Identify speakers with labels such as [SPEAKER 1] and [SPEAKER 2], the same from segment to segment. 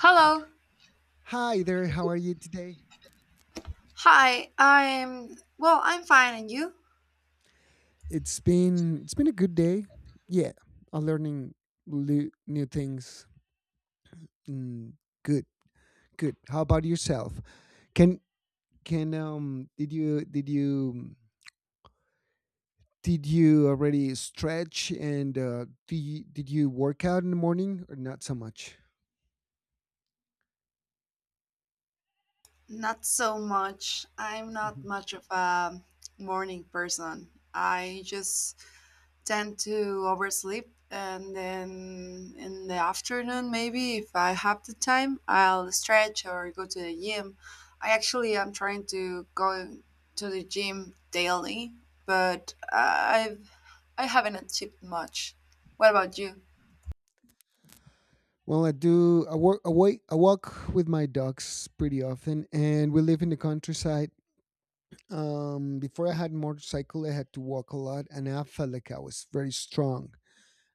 [SPEAKER 1] Hello.
[SPEAKER 2] Hi there, how are you today?
[SPEAKER 1] Hi. I'm fine and you?
[SPEAKER 2] It's been a good day. Yeah, I'm learning new things. Mm, good, good. How about yourself? Can can did you Did you already stretch and do you, did you work out in the morning or not so much?
[SPEAKER 1] Not so much. I'm not
[SPEAKER 2] Mhm.
[SPEAKER 1] much of a morning person. I just tend to oversleep, and then in the afternoon, maybe if I have the time, I'll stretch or go to the gym. I actually am trying to go to the gym daily, but I haven't achieved much. What about you?
[SPEAKER 2] Well, I do. I work. I walk with my dogs pretty often, and we live in the countryside. Before I had motorcycle, I had to walk a lot, and I felt like I was very strong.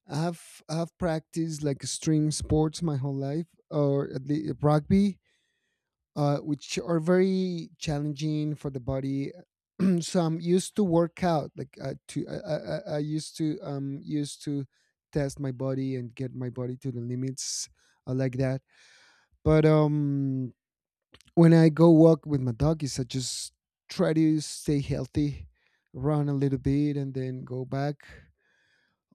[SPEAKER 2] I have I have practiced like extreme sports my whole life, or at least rugby, which are very challenging for the body. So I'm used to work out. Like to I used to used to test my body and get my body to the limits like that. But when I go walk with my doggies, I just try to stay healthy, run a little bit, and then go back.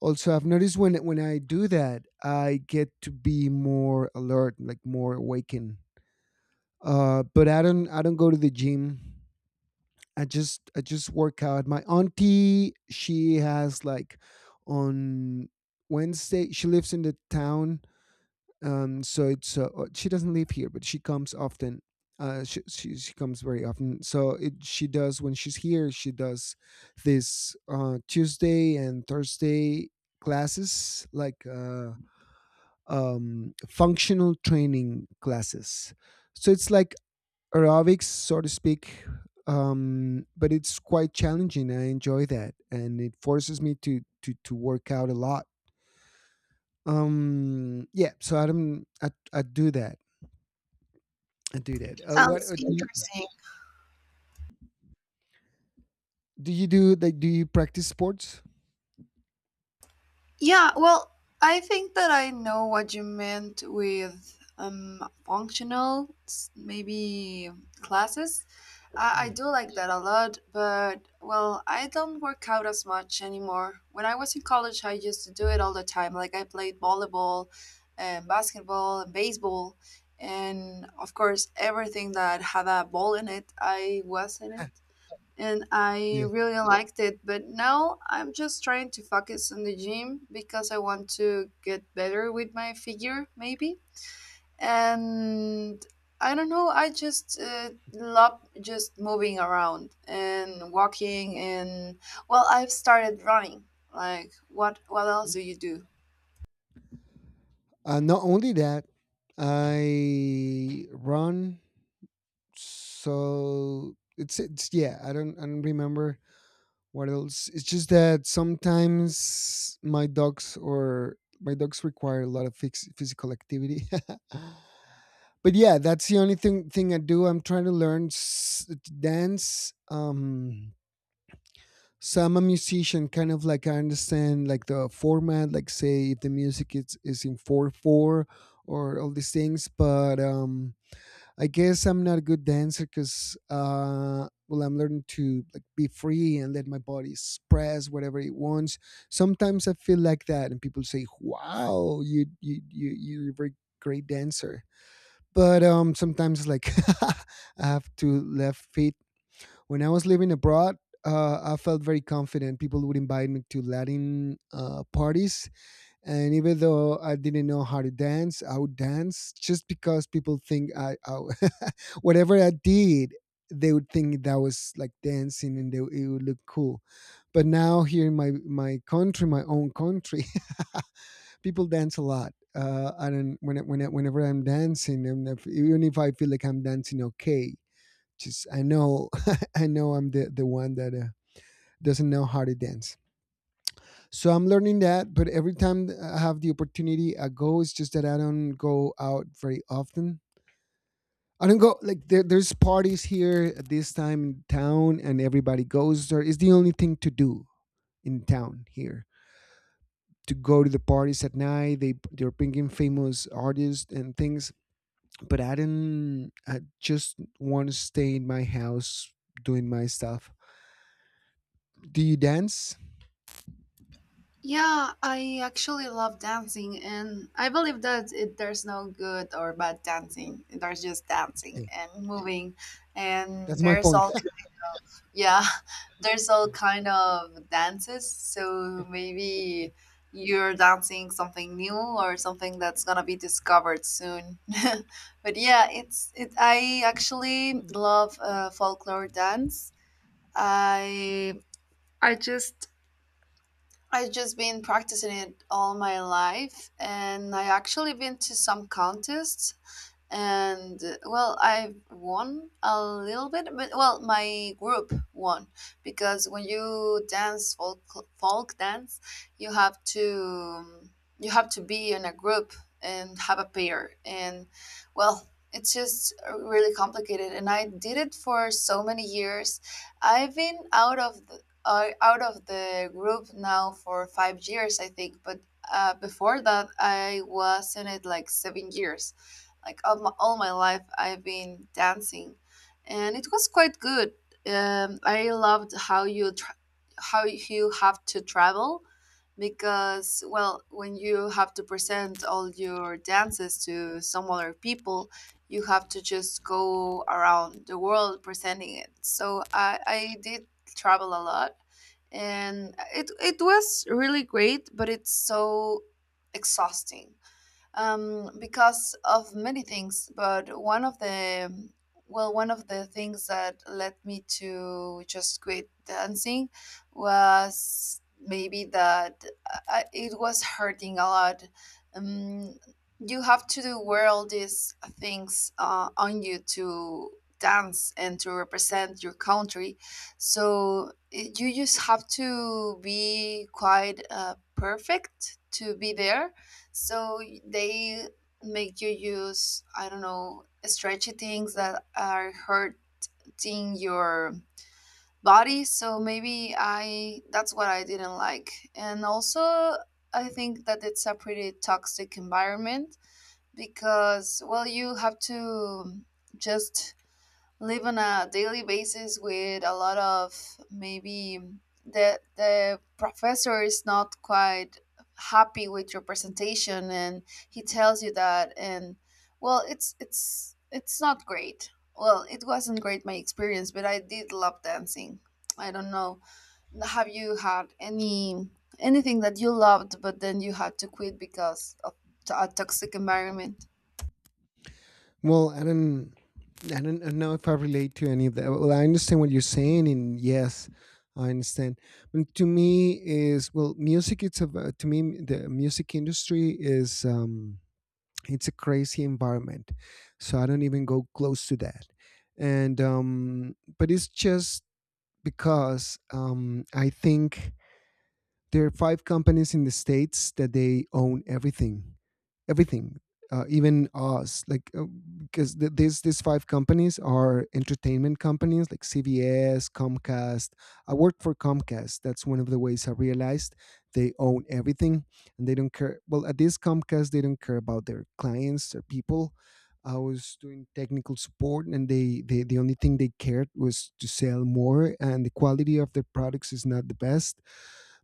[SPEAKER 2] Also, I've noticed when I do that, I get to be more alert, like more awakened. But I don't go to the gym. I just work out. My auntie, she has like on Wednesday. She lives in the town, so it's she doesn't live here, but she comes often. She comes very often. So it she does when she's here. She does this Tuesday and Thursday classes, like functional training classes. So it's like aerobics, so to speak, but it's quite challenging. I enjoy that, and it forces me to work out a lot. Yeah so I don't I do that. I do that. What
[SPEAKER 1] Sounds
[SPEAKER 2] do you
[SPEAKER 1] interesting.
[SPEAKER 2] do? You do like? Do you practice sports?
[SPEAKER 1] Yeah, well, I think that I know what you meant with functional, maybe classes. I
[SPEAKER 2] Yeah,
[SPEAKER 1] do like that a lot, but well, I don't work out as much anymore. When I was in college, I used to do it all the time. Like, I played volleyball and basketball and baseball, and of course, everything that had a ball in it, I was in it, and I
[SPEAKER 2] yeah.
[SPEAKER 1] really liked it. But now I'm just trying to focus on the gym because I want to get better with my figure, maybe. And I don't know, I just love just moving around and walking and well, I've started running. Like, what else
[SPEAKER 2] Mm.
[SPEAKER 1] do you do?
[SPEAKER 2] Not only that, I run. So it's yeah. I don't remember what else. It's just that sometimes my dogs or my dogs require a lot of physical activity. But yeah, that's the only thing I do. I'm trying to learn to dance. So I'm a musician. Kind of like I understand like the format, like say if the music is in 4-4 or all these things. But I guess I'm not a good dancer because well, I'm learning to like be free and let my body express whatever it wants. Sometimes I feel like that, and people say, wow, you're a very great dancer. But Sometimes like I have two left feet. When I was living abroad, I felt very confident. People would invite me to Latin parties, and even though I didn't know how to dance, I would dance just because people think I whatever I did, they would think that was like dancing, and they, it would look cool. But now here in my country, my own country, people dance a lot. I don't when I- Whenever I'm dancing, and if, even if I feel like I'm dancing okay, just I know I know I'm the one that doesn't know how to dance. So I'm learning that, but every time I have the opportunity, I go. It's just that I don't go out very often. I don't go like there's parties here at this time in town, and everybody goes there. It's the only thing to do in town here, to go to the parties at night. They're bringing famous artists and things, but I didn't. I just want to stay in my house doing my stuff. Do you dance?
[SPEAKER 1] Yeah, I actually love dancing, and I believe that there's no good or bad dancing. There's just dancing and moving, and
[SPEAKER 2] That's my
[SPEAKER 1] there's
[SPEAKER 2] point.
[SPEAKER 1] all yeah, there's all kind of dances. So maybe you're dancing something new or something that's gonna be discovered soon. But yeah, it's it. I actually love folklore dance. I I just I've just been practicing it all my life, and I actually been to some contests and well, I won a little bit, but well, my group won because when you dance folk dance, you have to be in a group and have a pair and well, it's just really complicated, and I did it for so many years. I've been out of the group now for 5 years, I think, but before that I was in it like 7 years. Like all all my life, I've been dancing, and it was quite good. I loved how you how you have to travel because well, when you have to present all your dances to some other people, you have to just go around the world presenting it. So I did travel a lot, and it was really great, but it's so exhausting, because of many things. But one of the well, one of the things that led me to just quit dancing was maybe that it was hurting a lot. Um, you have to do wear all these things on you to dance and to represent your country. So you just have to be quite perfect to be there, so they make you use, I don't know, stretchy things that are hurting your body. So maybe I that's what I didn't like. And also, I think that it's a pretty toxic environment because well, you have to just live on a daily basis with a lot of maybe the professor is not quite happy with your presentation, and he tells you that, and well, it's it's not great. Well, it wasn't great, my experience, but I did love dancing. I don't know, have you had anything that you loved but then you had to quit because of a toxic environment?
[SPEAKER 2] Well, I don't know if I relate to any of that. Well, I understand what you're saying, and yes, I understand. But to me, is well, music. It's about, to me, the music industry is, it's a crazy environment, so I don't even go close to that. And but it's just because I think there are five companies in the states that they own everything, everything, even us. Like because these five companies are entertainment companies like CBS, Comcast. I worked for Comcast. That's one of the ways I realized they own everything and they don't care. Well, at this Comcast, they don't care about their clients, their people. I was doing technical support, and the only thing they cared was to sell more, and the quality of their products is not the best,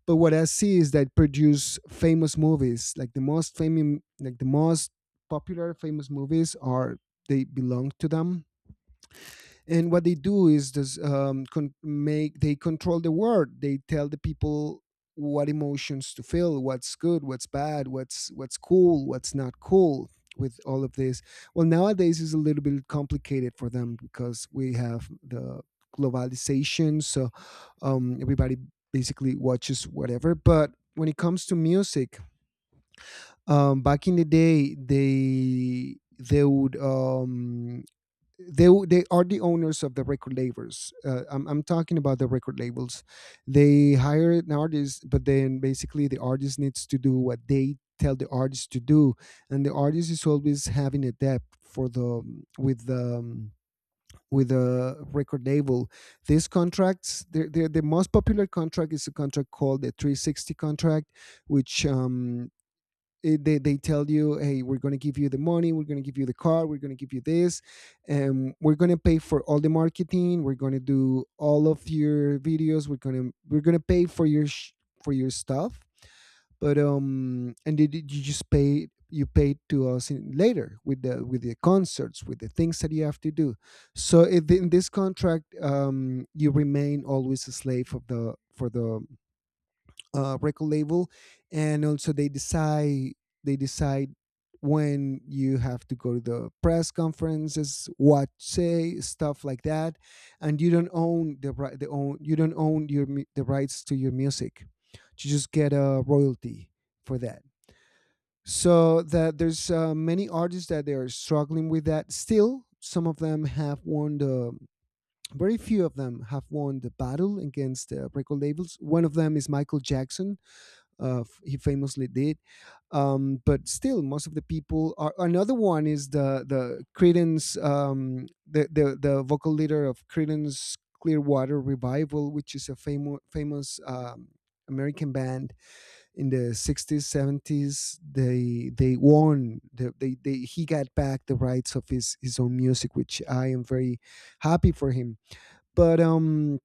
[SPEAKER 2] but what I see is that produce famous movies. Like the most famous, like the most popular famous movies are they belong to them. And what they do is this, con- make they control the world. They tell the people what emotions to feel, what's good, what's bad, what's cool, what's not cool, with all of this. Well, nowadays is a little bit complicated for them because we have the globalization. So everybody basically watches whatever. But when it comes to music, back in the day, they are the owners of the record labels. Uh, I'm talking about the record labels. They hire an artist, but then basically the artist needs to do what they tell the artist to do, and the artist is always having a debt for the with a record label. These contracts, the most popular contract is a contract called the 360 contract, which it- they tell you, hey, we're going to give you the money, we're going to give you the car, we're going to give you this, and we're going to pay for all the marketing, we're going to do all of your videos, we're going to pay for your for your stuff, but you just pay you paid to us in, later with the concerts with the things that you have to do. So if in this contract, you remain always a slave of the for the record label, and also they decide when you have to go to the press conferences, what say, stuff like that, and you don't own the ri- the own you don't own the rights to your music. You just get a royalty for that. So that there's many artists that they are struggling with that still. Some of them have won the Very few of them have won the battle against the record labels. One of them is Michael Jackson, he famously did. But still, most of the people are. Another one is the Creedence, the vocal leader of Creedence Clearwater Revival, which is a famous American band in the 60s, seventies. They won. The, they He got back the rights of his own music, which I am very happy for him. But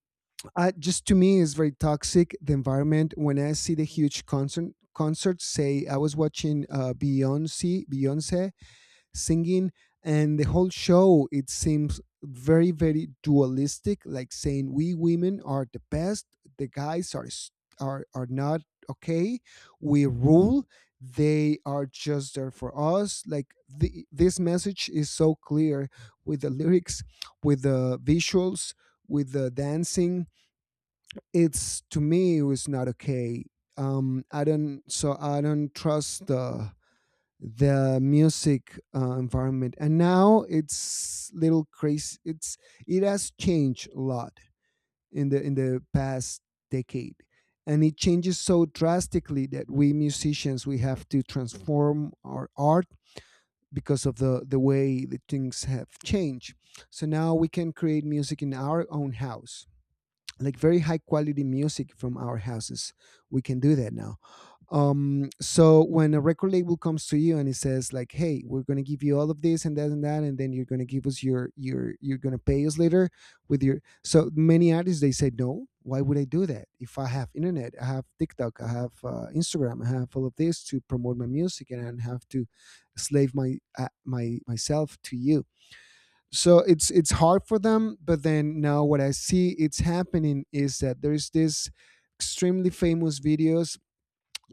[SPEAKER 2] Just to me it's very toxic the environment when I see the huge concerts. Say I was watching Beyonce singing, and the whole show it seems very dualistic, like saying, we women are the best, the guys are are not okay, we rule, they are just there for us. Like this message is so clear with the lyrics, with the visuals, with the dancing. It's to me it was not okay. I don't, so I don't trust the music environment, and now it's little crazy. It's it has changed a lot in the past decade, and it changes so drastically that we musicians we have to transform our art because of the way the things have changed. So now we can create music in our own house, like very high quality music from our houses. We can do that now. So when a record label comes to you and it says, like, hey, we're going to give you all of this and that and that, and then you're going to give us your you're going to pay us later with your... So many artists, they say no. Why would I do that if I have internet? I have TikTok, I have Instagram, I have all of this to promote my music, and I don't have to slave my myself to you. So it's hard for them. But then now what I see it's happening is that there's this extremely famous videos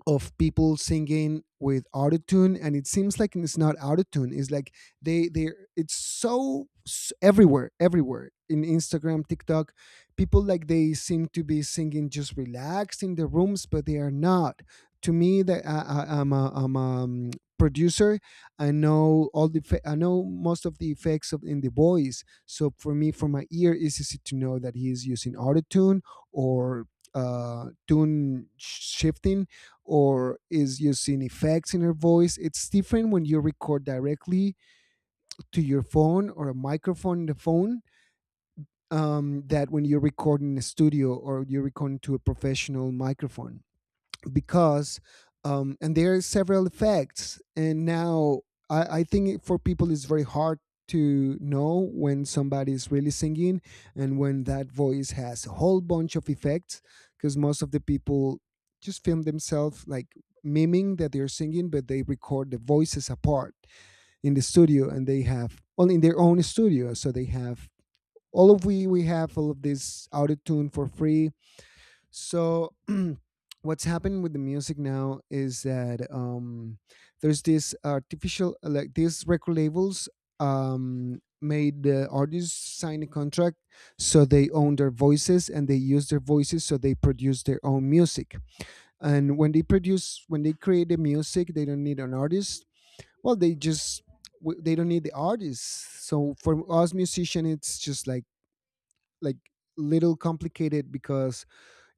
[SPEAKER 2] of people singing with autotune, and it seems like it's not autotune. It's like they it's so everywhere, in Instagram, TikTok, people, like, they seem to be singing just relaxed in the rooms, but they are not. To me, that I'm a producer. I know most of the effects of in the voice. So for me, for my ear, it's easy to know that he is using autotune, or tune shifting, or is using effects in her voice. It's different when you record directly to your phone or a microphone in the phone, that when you record in a studio or you record to a professional microphone, because... And there are several effects. And now I think for people it's very hard to know when somebody is really singing, and when that voice has a whole bunch of effects, because most of the people just film themselves, like, miming that they're singing, but they record the voices apart in the studio. And they have only in their own studio, so they have all of... we have all of this auto tune for free. So what's happening with the music now is that, there's this artificial, like, these record labels made the artists sign a contract, so they own their voices and they use their voices, so they produce their own music. And when they create the music, they don't need an artist. Well, they just they don't need the artists. So for us musician, it's just like, little complicated because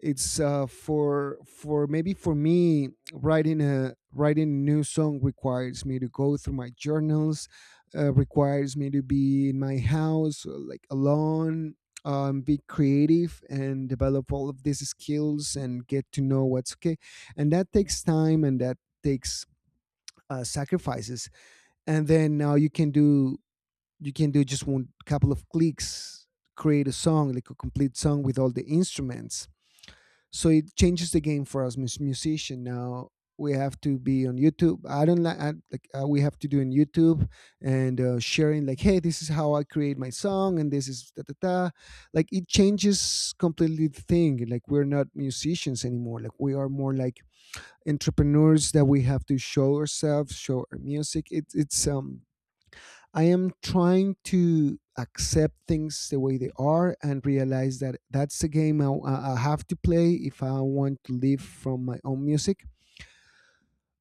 [SPEAKER 2] it's for maybe for me, writing a new song requires me to go through my journals, requires me to be in my house, like, alone, be creative and develop all of these skills and get to know what's okay. And that takes time, and that takes sacrifices. And then now you can do just one, couple of clicks, create a song, like a complete song with all the instruments. So it changes the game for us musician now. We have to be on YouTube. I don't like I- Like, we have to do on YouTube, and sharing, like, hey, this is how I create my song and this is da da da. Like, it changes completely the thing. Like, we're not musicians anymore. Like, we are more like entrepreneurs that we have to show ourselves, show our music. It, it's I am trying to accept things the way they are and realize that that's a game I have to play if I want to live from my own music.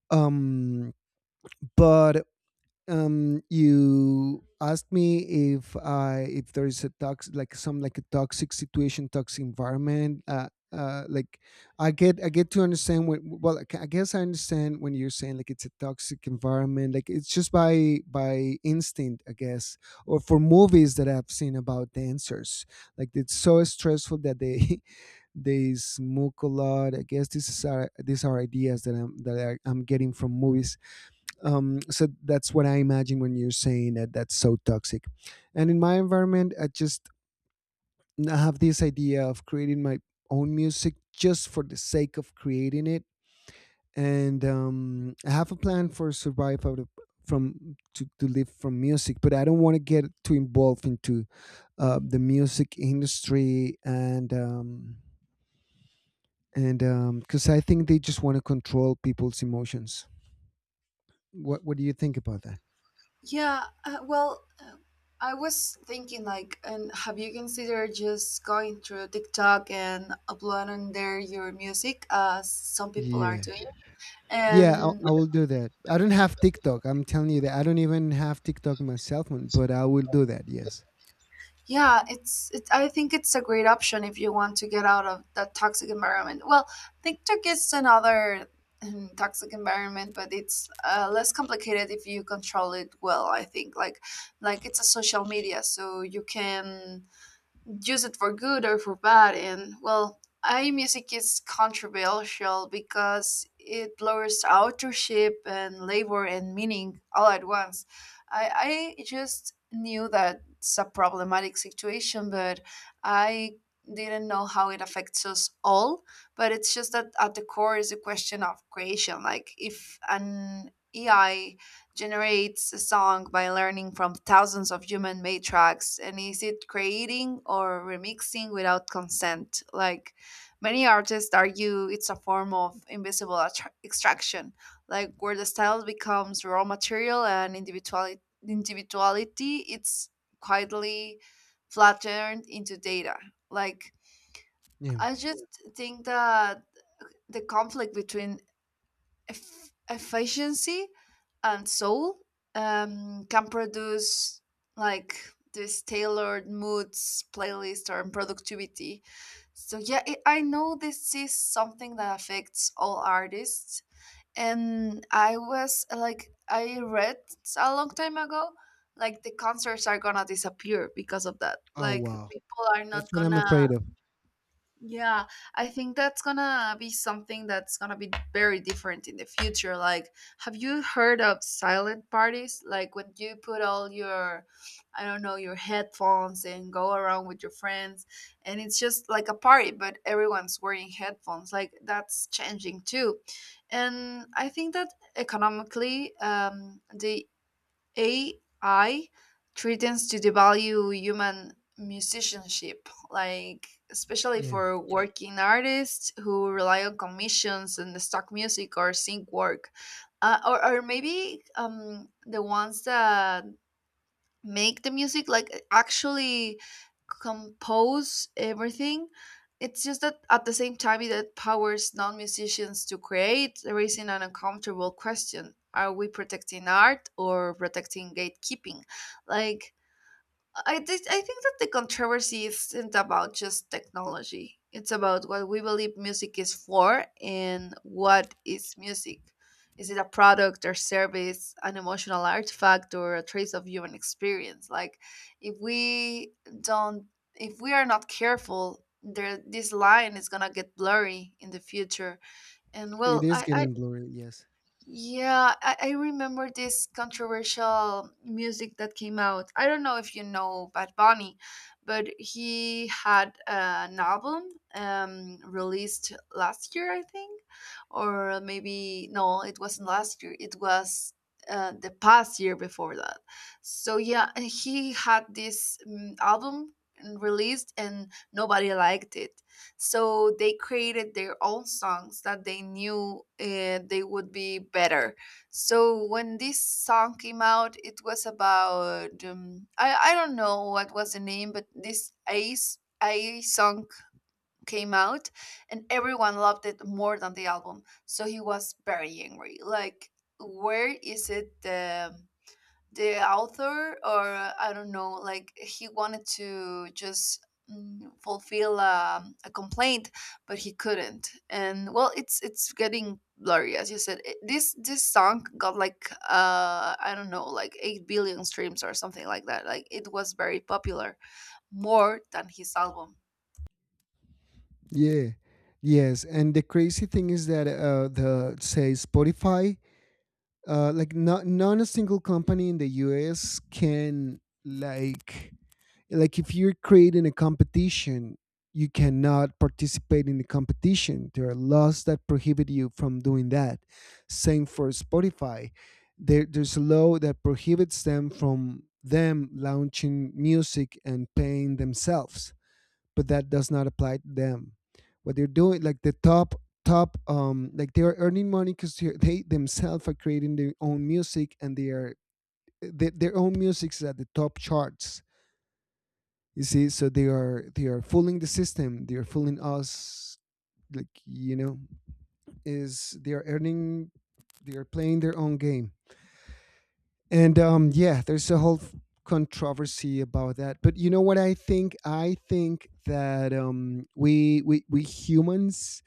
[SPEAKER 2] Um, but you asked me if there is a tox, like some, like a toxic situation, toxic environment, like, I get to understand when. Well, I guess I understand when you're saying like it's a toxic environment. Like, it's just by instinct, I guess, or for movies that I've seen about dancers. Like, it's so stressful that they they smoke a lot. I guess this is our these are ideas that I'm that I'm getting from movies. So that's what I imagine when you're saying that that's so toxic. And in my environment, I have this idea of creating my own music just for the sake of creating it. And I have a plan for survive out of from to live from music, but I don't want to get too involved into the music industry, and because I think they just want to control people's emotions. What do you think about that?
[SPEAKER 1] Yeah, I was thinking like, and have you considered just going through TikTok and uploading there your music, as some people are
[SPEAKER 2] Yeah.
[SPEAKER 1] doing?
[SPEAKER 2] Yeah, I,
[SPEAKER 1] And
[SPEAKER 2] I will do that. I don't have TikTok. I'm telling you that I don't even have TikTok in my cell phone, but I will do that. Yes.
[SPEAKER 1] yeah, it's it, I think it's a great option if you want to get out of that toxic environment. Well, TikTok is another toxic environment, but it's less complicated if you control it well. I think Like, it's a social media, so you can use it for good or for bad. And well, iMusic is controversial because it blurs authorship and labor and meaning all at once. I just knew that it's a problematic situation, but I didn't know how it affects us all. But it's just that at the core is a question of creation. Like, if an AI generates a song by learning from thousands of human made tracks, and is it creating or remixing without consent? Like, many artists argue it's a form of invisible extraction, like where the style becomes raw material, and individuality, it's quietly flattened into data. Like,
[SPEAKER 2] Yeah.
[SPEAKER 1] I just think that the conflict between efficiency and soul, can produce like this tailored moods playlist or productivity. So yeah I know this is something that affects all artists. And I was like, I read a long time ago, like, the concerts are gonna disappear because of that.
[SPEAKER 2] Oh,
[SPEAKER 1] Like,
[SPEAKER 2] wow,
[SPEAKER 1] people are
[SPEAKER 2] that's
[SPEAKER 1] not
[SPEAKER 2] what I'm
[SPEAKER 1] gonna
[SPEAKER 2] afraid of.
[SPEAKER 1] yeah, I think that's gonna be something that's gonna be very different in the future. Like, have you heard of silent parties? Like, when you put all your, I don't know, your headphones and go around with your friends, and it's just like a party, but everyone's wearing headphones. Like, that's changing too. And I think that economically, the AI threatens to devalue human musicianship, like especially
[SPEAKER 2] Yeah,
[SPEAKER 1] for yeah, working artists who rely on commissions and the stock music or sync work, or maybe the ones that make the music like actually compose everything. It's just that at the same time, it empowers non-musicians to create, raising an uncomfortable question: are we protecting art or protecting gatekeeping? Like, I think that the controversy isn't about just technology. It's about what we believe music is for, and what is music. Is it a product or service, an emotional artifact, or a trace of human experience? Like, if we don't, if we are not careful, there this line is gonna get blurry in the future. And
[SPEAKER 2] it
[SPEAKER 1] well,
[SPEAKER 2] is
[SPEAKER 1] I
[SPEAKER 2] getting blurry. Yes.
[SPEAKER 1] yeah, I remember this controversial music that came out. I don't know if you know Bad Bunny, but he had an album released last year, I think, or maybe no, it wasn't last year. It was the past year before that. So yeah, he had this album released, and nobody liked it, so they created their own songs that they knew they would be better. So when this song came out, it was about I don't know what was the name, but this ace a song came out, and everyone loved it more than the album, so he was very angry. Like, where is it, the author, or I don't know, like he wanted to just fulfill a complaint, but he couldn't. And well, it's getting blurry, as you said. This this song got like I don't know, like 8 billion streams or something like that. Like it was very popular, more than his album.
[SPEAKER 2] Yeah. Yes, and the crazy thing is that, the say Spotify, like, not a single company in the US can, like, if you're creating a competition, you cannot participate in the competition. There are laws that prohibit you from doing that, same for Spotify. There's a law that prohibits them from them launching music and paying themselves, but that does not apply to them. What they're doing, like the top, like, they are earning money because they themselves are creating their own music, and their own music is at the top charts. You see, so they are fooling the system, they are fooling us, like, is, they are earning, they are playing their own game. And yeah, there's a whole controversy about that. But you know what I think, I think that we humans,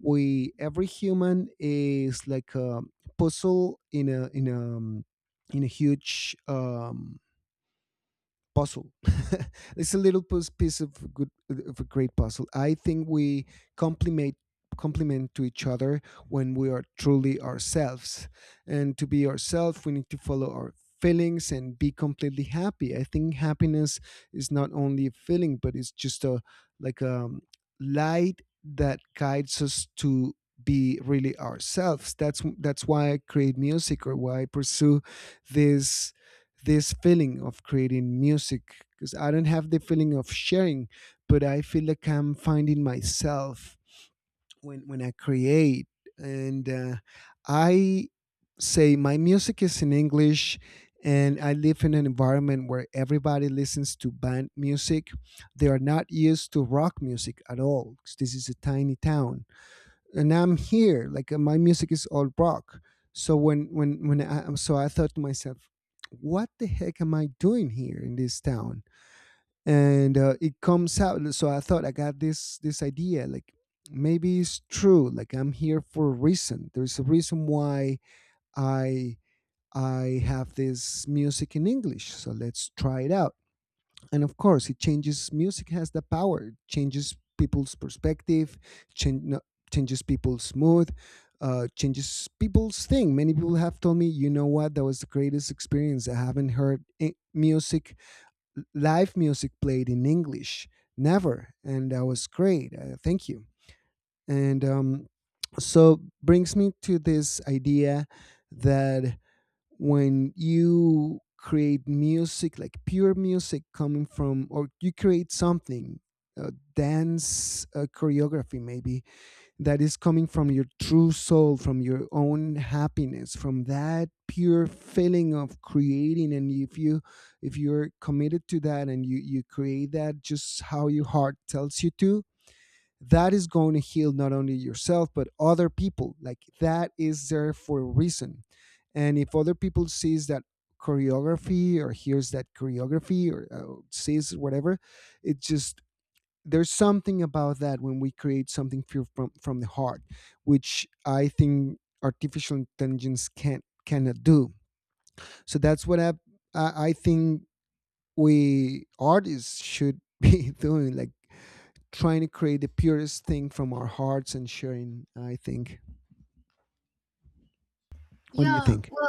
[SPEAKER 2] we, every human is like a puzzle in a huge puzzle. It's a little piece of good, of a great puzzle. I think we complement complement to each other when we are truly ourselves. And to be ourselves, we need to follow our feelings and be completely happy. I think happiness is not only a feeling, but it's just a, like a light that guides us to be really ourselves. That's why I create music, or why I pursue this this feeling of creating music, because I don't have the feeling of sharing, but I feel like I'm finding myself when I create. And I say my music is in English, and I live in an environment where everybody listens to band music. They are not used to rock music at all, 'cause this is a tiny town, and I'm here. Like, my music is all rock. So so I thought to myself, what the heck am I doing here in this town? And it comes out. So I thought I got this, this idea. Like, maybe it's true. Like, I'm here for a reason. There's a reason why I I have this music in English. So let's try it out. And of course it changes. Music has the power. It changes people's perspective, change, no, changes people's mood, changes people's thing. Many people have told me, you know what, that was the greatest experience, I haven't heard I- music, live music played in English, never. And that was great. Thank you. And, so brings me to this idea that when you create music, like pure music coming from, or you create something, uh, dance, choreography maybe, that is coming from your true soul, from your own happiness, from that pure feeling of creating. And if you're committed to that, and you create that just how your heart tells you to, that is going to heal not only yourself, but other people. Like, that is there for a reason. And if other people sees that choreography, or hears that choreography, or sees whatever, it just, there's something about that. When we create something pure from the heart, which I think artificial intelligence can't cannot do. So that's what I I think we artists should be doing, like trying to create the purest thing from our hearts and sharing. I think. What do you
[SPEAKER 1] Yeah,
[SPEAKER 2] think?
[SPEAKER 1] well,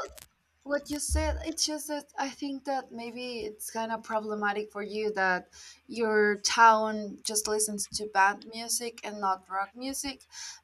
[SPEAKER 1] what you said, it's just that I think that maybe it's kind of problematic for you that your town just listens to band music and not rock music.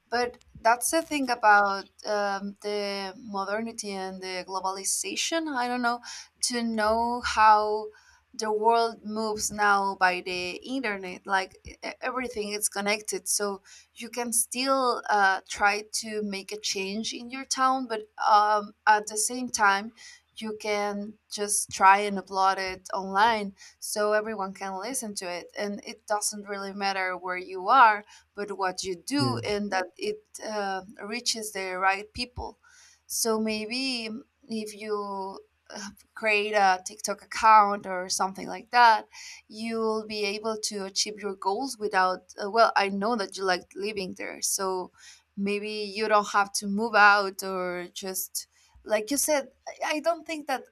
[SPEAKER 1] But that's the thing about the modernity and the globalization. I don't know, to know how the world moves now by the internet, like everything is connected. So you can still try to make a change in your town, but at the same time, you can just try and upload it online, so everyone can listen to it. And it doesn't really matter where you are, but what you
[SPEAKER 2] Yeah.
[SPEAKER 1] do and that it reaches the right people. So maybe if you uh, create a TikTok account or something like that, you'll be able to achieve your goals without well, I know that you like living there, so maybe you don't have to move out or just like you said. I don't think that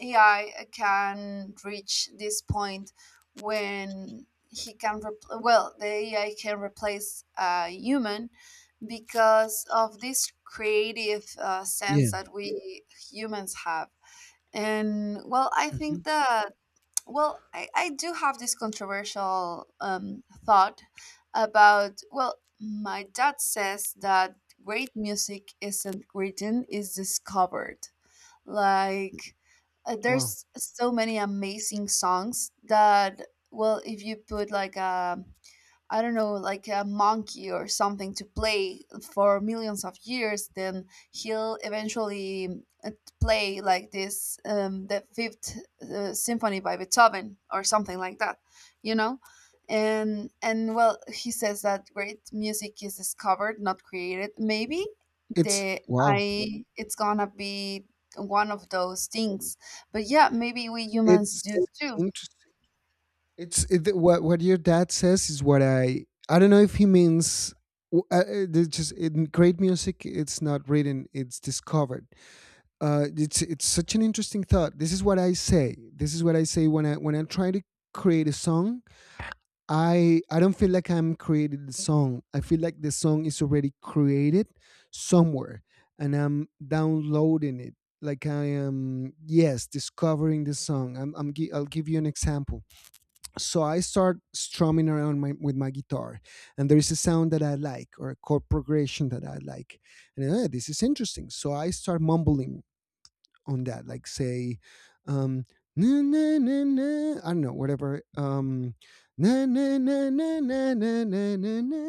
[SPEAKER 1] AI can reach this point when he can well, the AI can replace a human because of this creative sense
[SPEAKER 2] Yeah.
[SPEAKER 1] that we humans have. And well, I
[SPEAKER 2] Hmm.
[SPEAKER 1] think that well, I do have this controversial thought about, well, my dad says that great music isn't written, it's discovered. Like,
[SPEAKER 2] Wow.
[SPEAKER 1] there's so many amazing songs that, well, if you put like a I don't know, like a monkey or something to play for millions of years, then he'll eventually uh, play like this, the Fifth Symphony by Beethoven or something like that, you know? And well, he says that great music is discovered, not created. Maybe
[SPEAKER 2] It's
[SPEAKER 1] the
[SPEAKER 2] wow.
[SPEAKER 1] I it's gonna be one of those things. But yeah, maybe we humans do
[SPEAKER 2] It's
[SPEAKER 1] too.
[SPEAKER 2] interesting. What your dad says is what I don't know if he means. Just in great music, it's not written; it's discovered. It's such an interesting thought. This is what I say. This is what I say when I try to create a song. I don't feel like I'm creating the song. I feel like the song is already created somewhere, and I'm downloading it. Like, I am, yes, discovering the song. I'll give you an example. So I start strumming around with my guitar, and there is a sound that I like, or a chord progression that I like. And this is interesting. So I start mumbling on that, like, say, um na na na na, I don't know, whatever, na na na na na na na na na,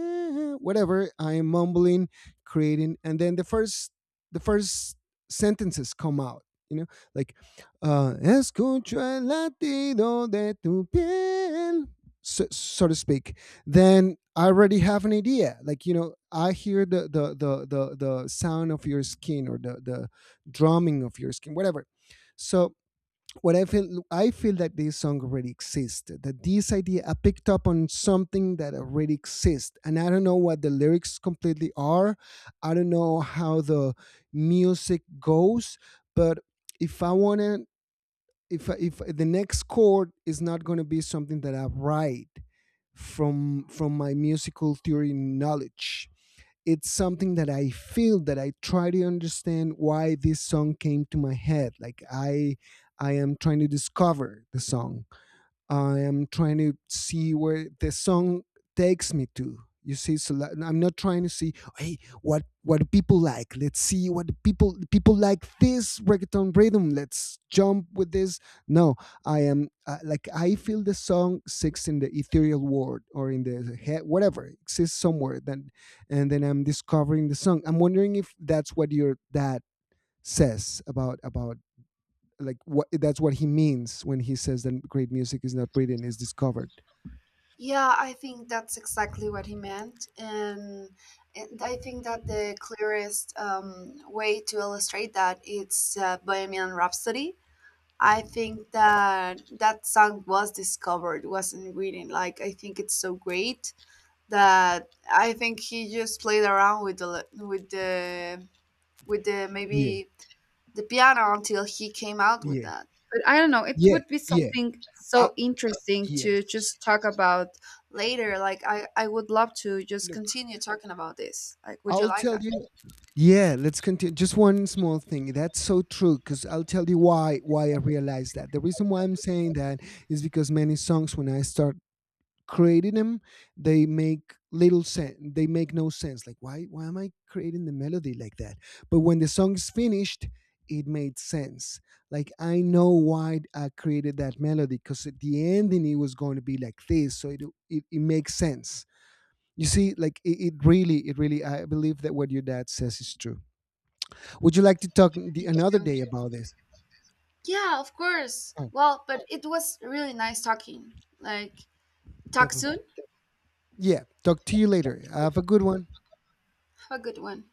[SPEAKER 2] whatever, I am mumbling, creating. And then the first sentences come out, you know, like, escucho el latido de tu piel, so to speak. Then I already have an idea. Like, you know, I hear the sound of your skin, or the drumming of your skin, whatever. So what I feel that this song already existed. That this idea, I picked up on something that already exists, and I don't know what the lyrics completely are. I don't know how the music goes. But if I wanna if the next chord is not going to be something that I write from my musical theory knowledge, it's something that I feel, that I try to understand why this song came to my head. Like, I am trying to discover the song. I am trying to see where the song takes me to. You see, so, like, I'm not trying to see, hey, what do people like? Let's see what the people like, this reggaeton rhythm. Let's jump with this. No, I am, like, I feel the song six in the ethereal world, or in the head, whatever, exists somewhere. Then And then I'm discovering the song. I'm wondering if that's what your dad says about, like what, that's what he means when he says that great music is not written, is discovered.
[SPEAKER 1] Yeah, I think that's exactly what he meant. And I think that the clearest way to illustrate that it's Bohemian Rhapsody. I think that that song was discovered, wasn't written. Like, I think it's so great that I think he just played around with the
[SPEAKER 2] Yeah,
[SPEAKER 1] maybe the piano until he came out with
[SPEAKER 2] yeah,
[SPEAKER 1] that. But I don't know, it
[SPEAKER 2] yeah,
[SPEAKER 1] would be
[SPEAKER 2] yeah.
[SPEAKER 1] something
[SPEAKER 2] Uh,
[SPEAKER 1] so interesting to
[SPEAKER 2] yes.
[SPEAKER 1] just talk about later. Like, I would love to just
[SPEAKER 2] Look,
[SPEAKER 1] continue talking about this. Like, would you
[SPEAKER 2] I'll
[SPEAKER 1] like
[SPEAKER 2] tell
[SPEAKER 1] that?
[SPEAKER 2] you. Yeah, let's continue. Just one small thing, that's so true. Because I'll tell you why, I realized that, the reason why I'm saying that is because many songs, when I start creating them, they make little sense, they make no sense. Like, why am I creating the melody like that? But when the song is finished, it made sense. Like, I know why I created that melody, because at the ending it was going to be like this. So it makes sense. You see, like, it really I believe that what your dad says is true. Would you like to talk another
[SPEAKER 1] Thank
[SPEAKER 2] day
[SPEAKER 1] you.
[SPEAKER 2] about this?
[SPEAKER 1] Yeah, of course.
[SPEAKER 2] Oh,
[SPEAKER 1] Well, but it was really nice talking. Like, talk soon.
[SPEAKER 2] definitely. Yeah, talk to you later. Have a good one.
[SPEAKER 1] Have a good one.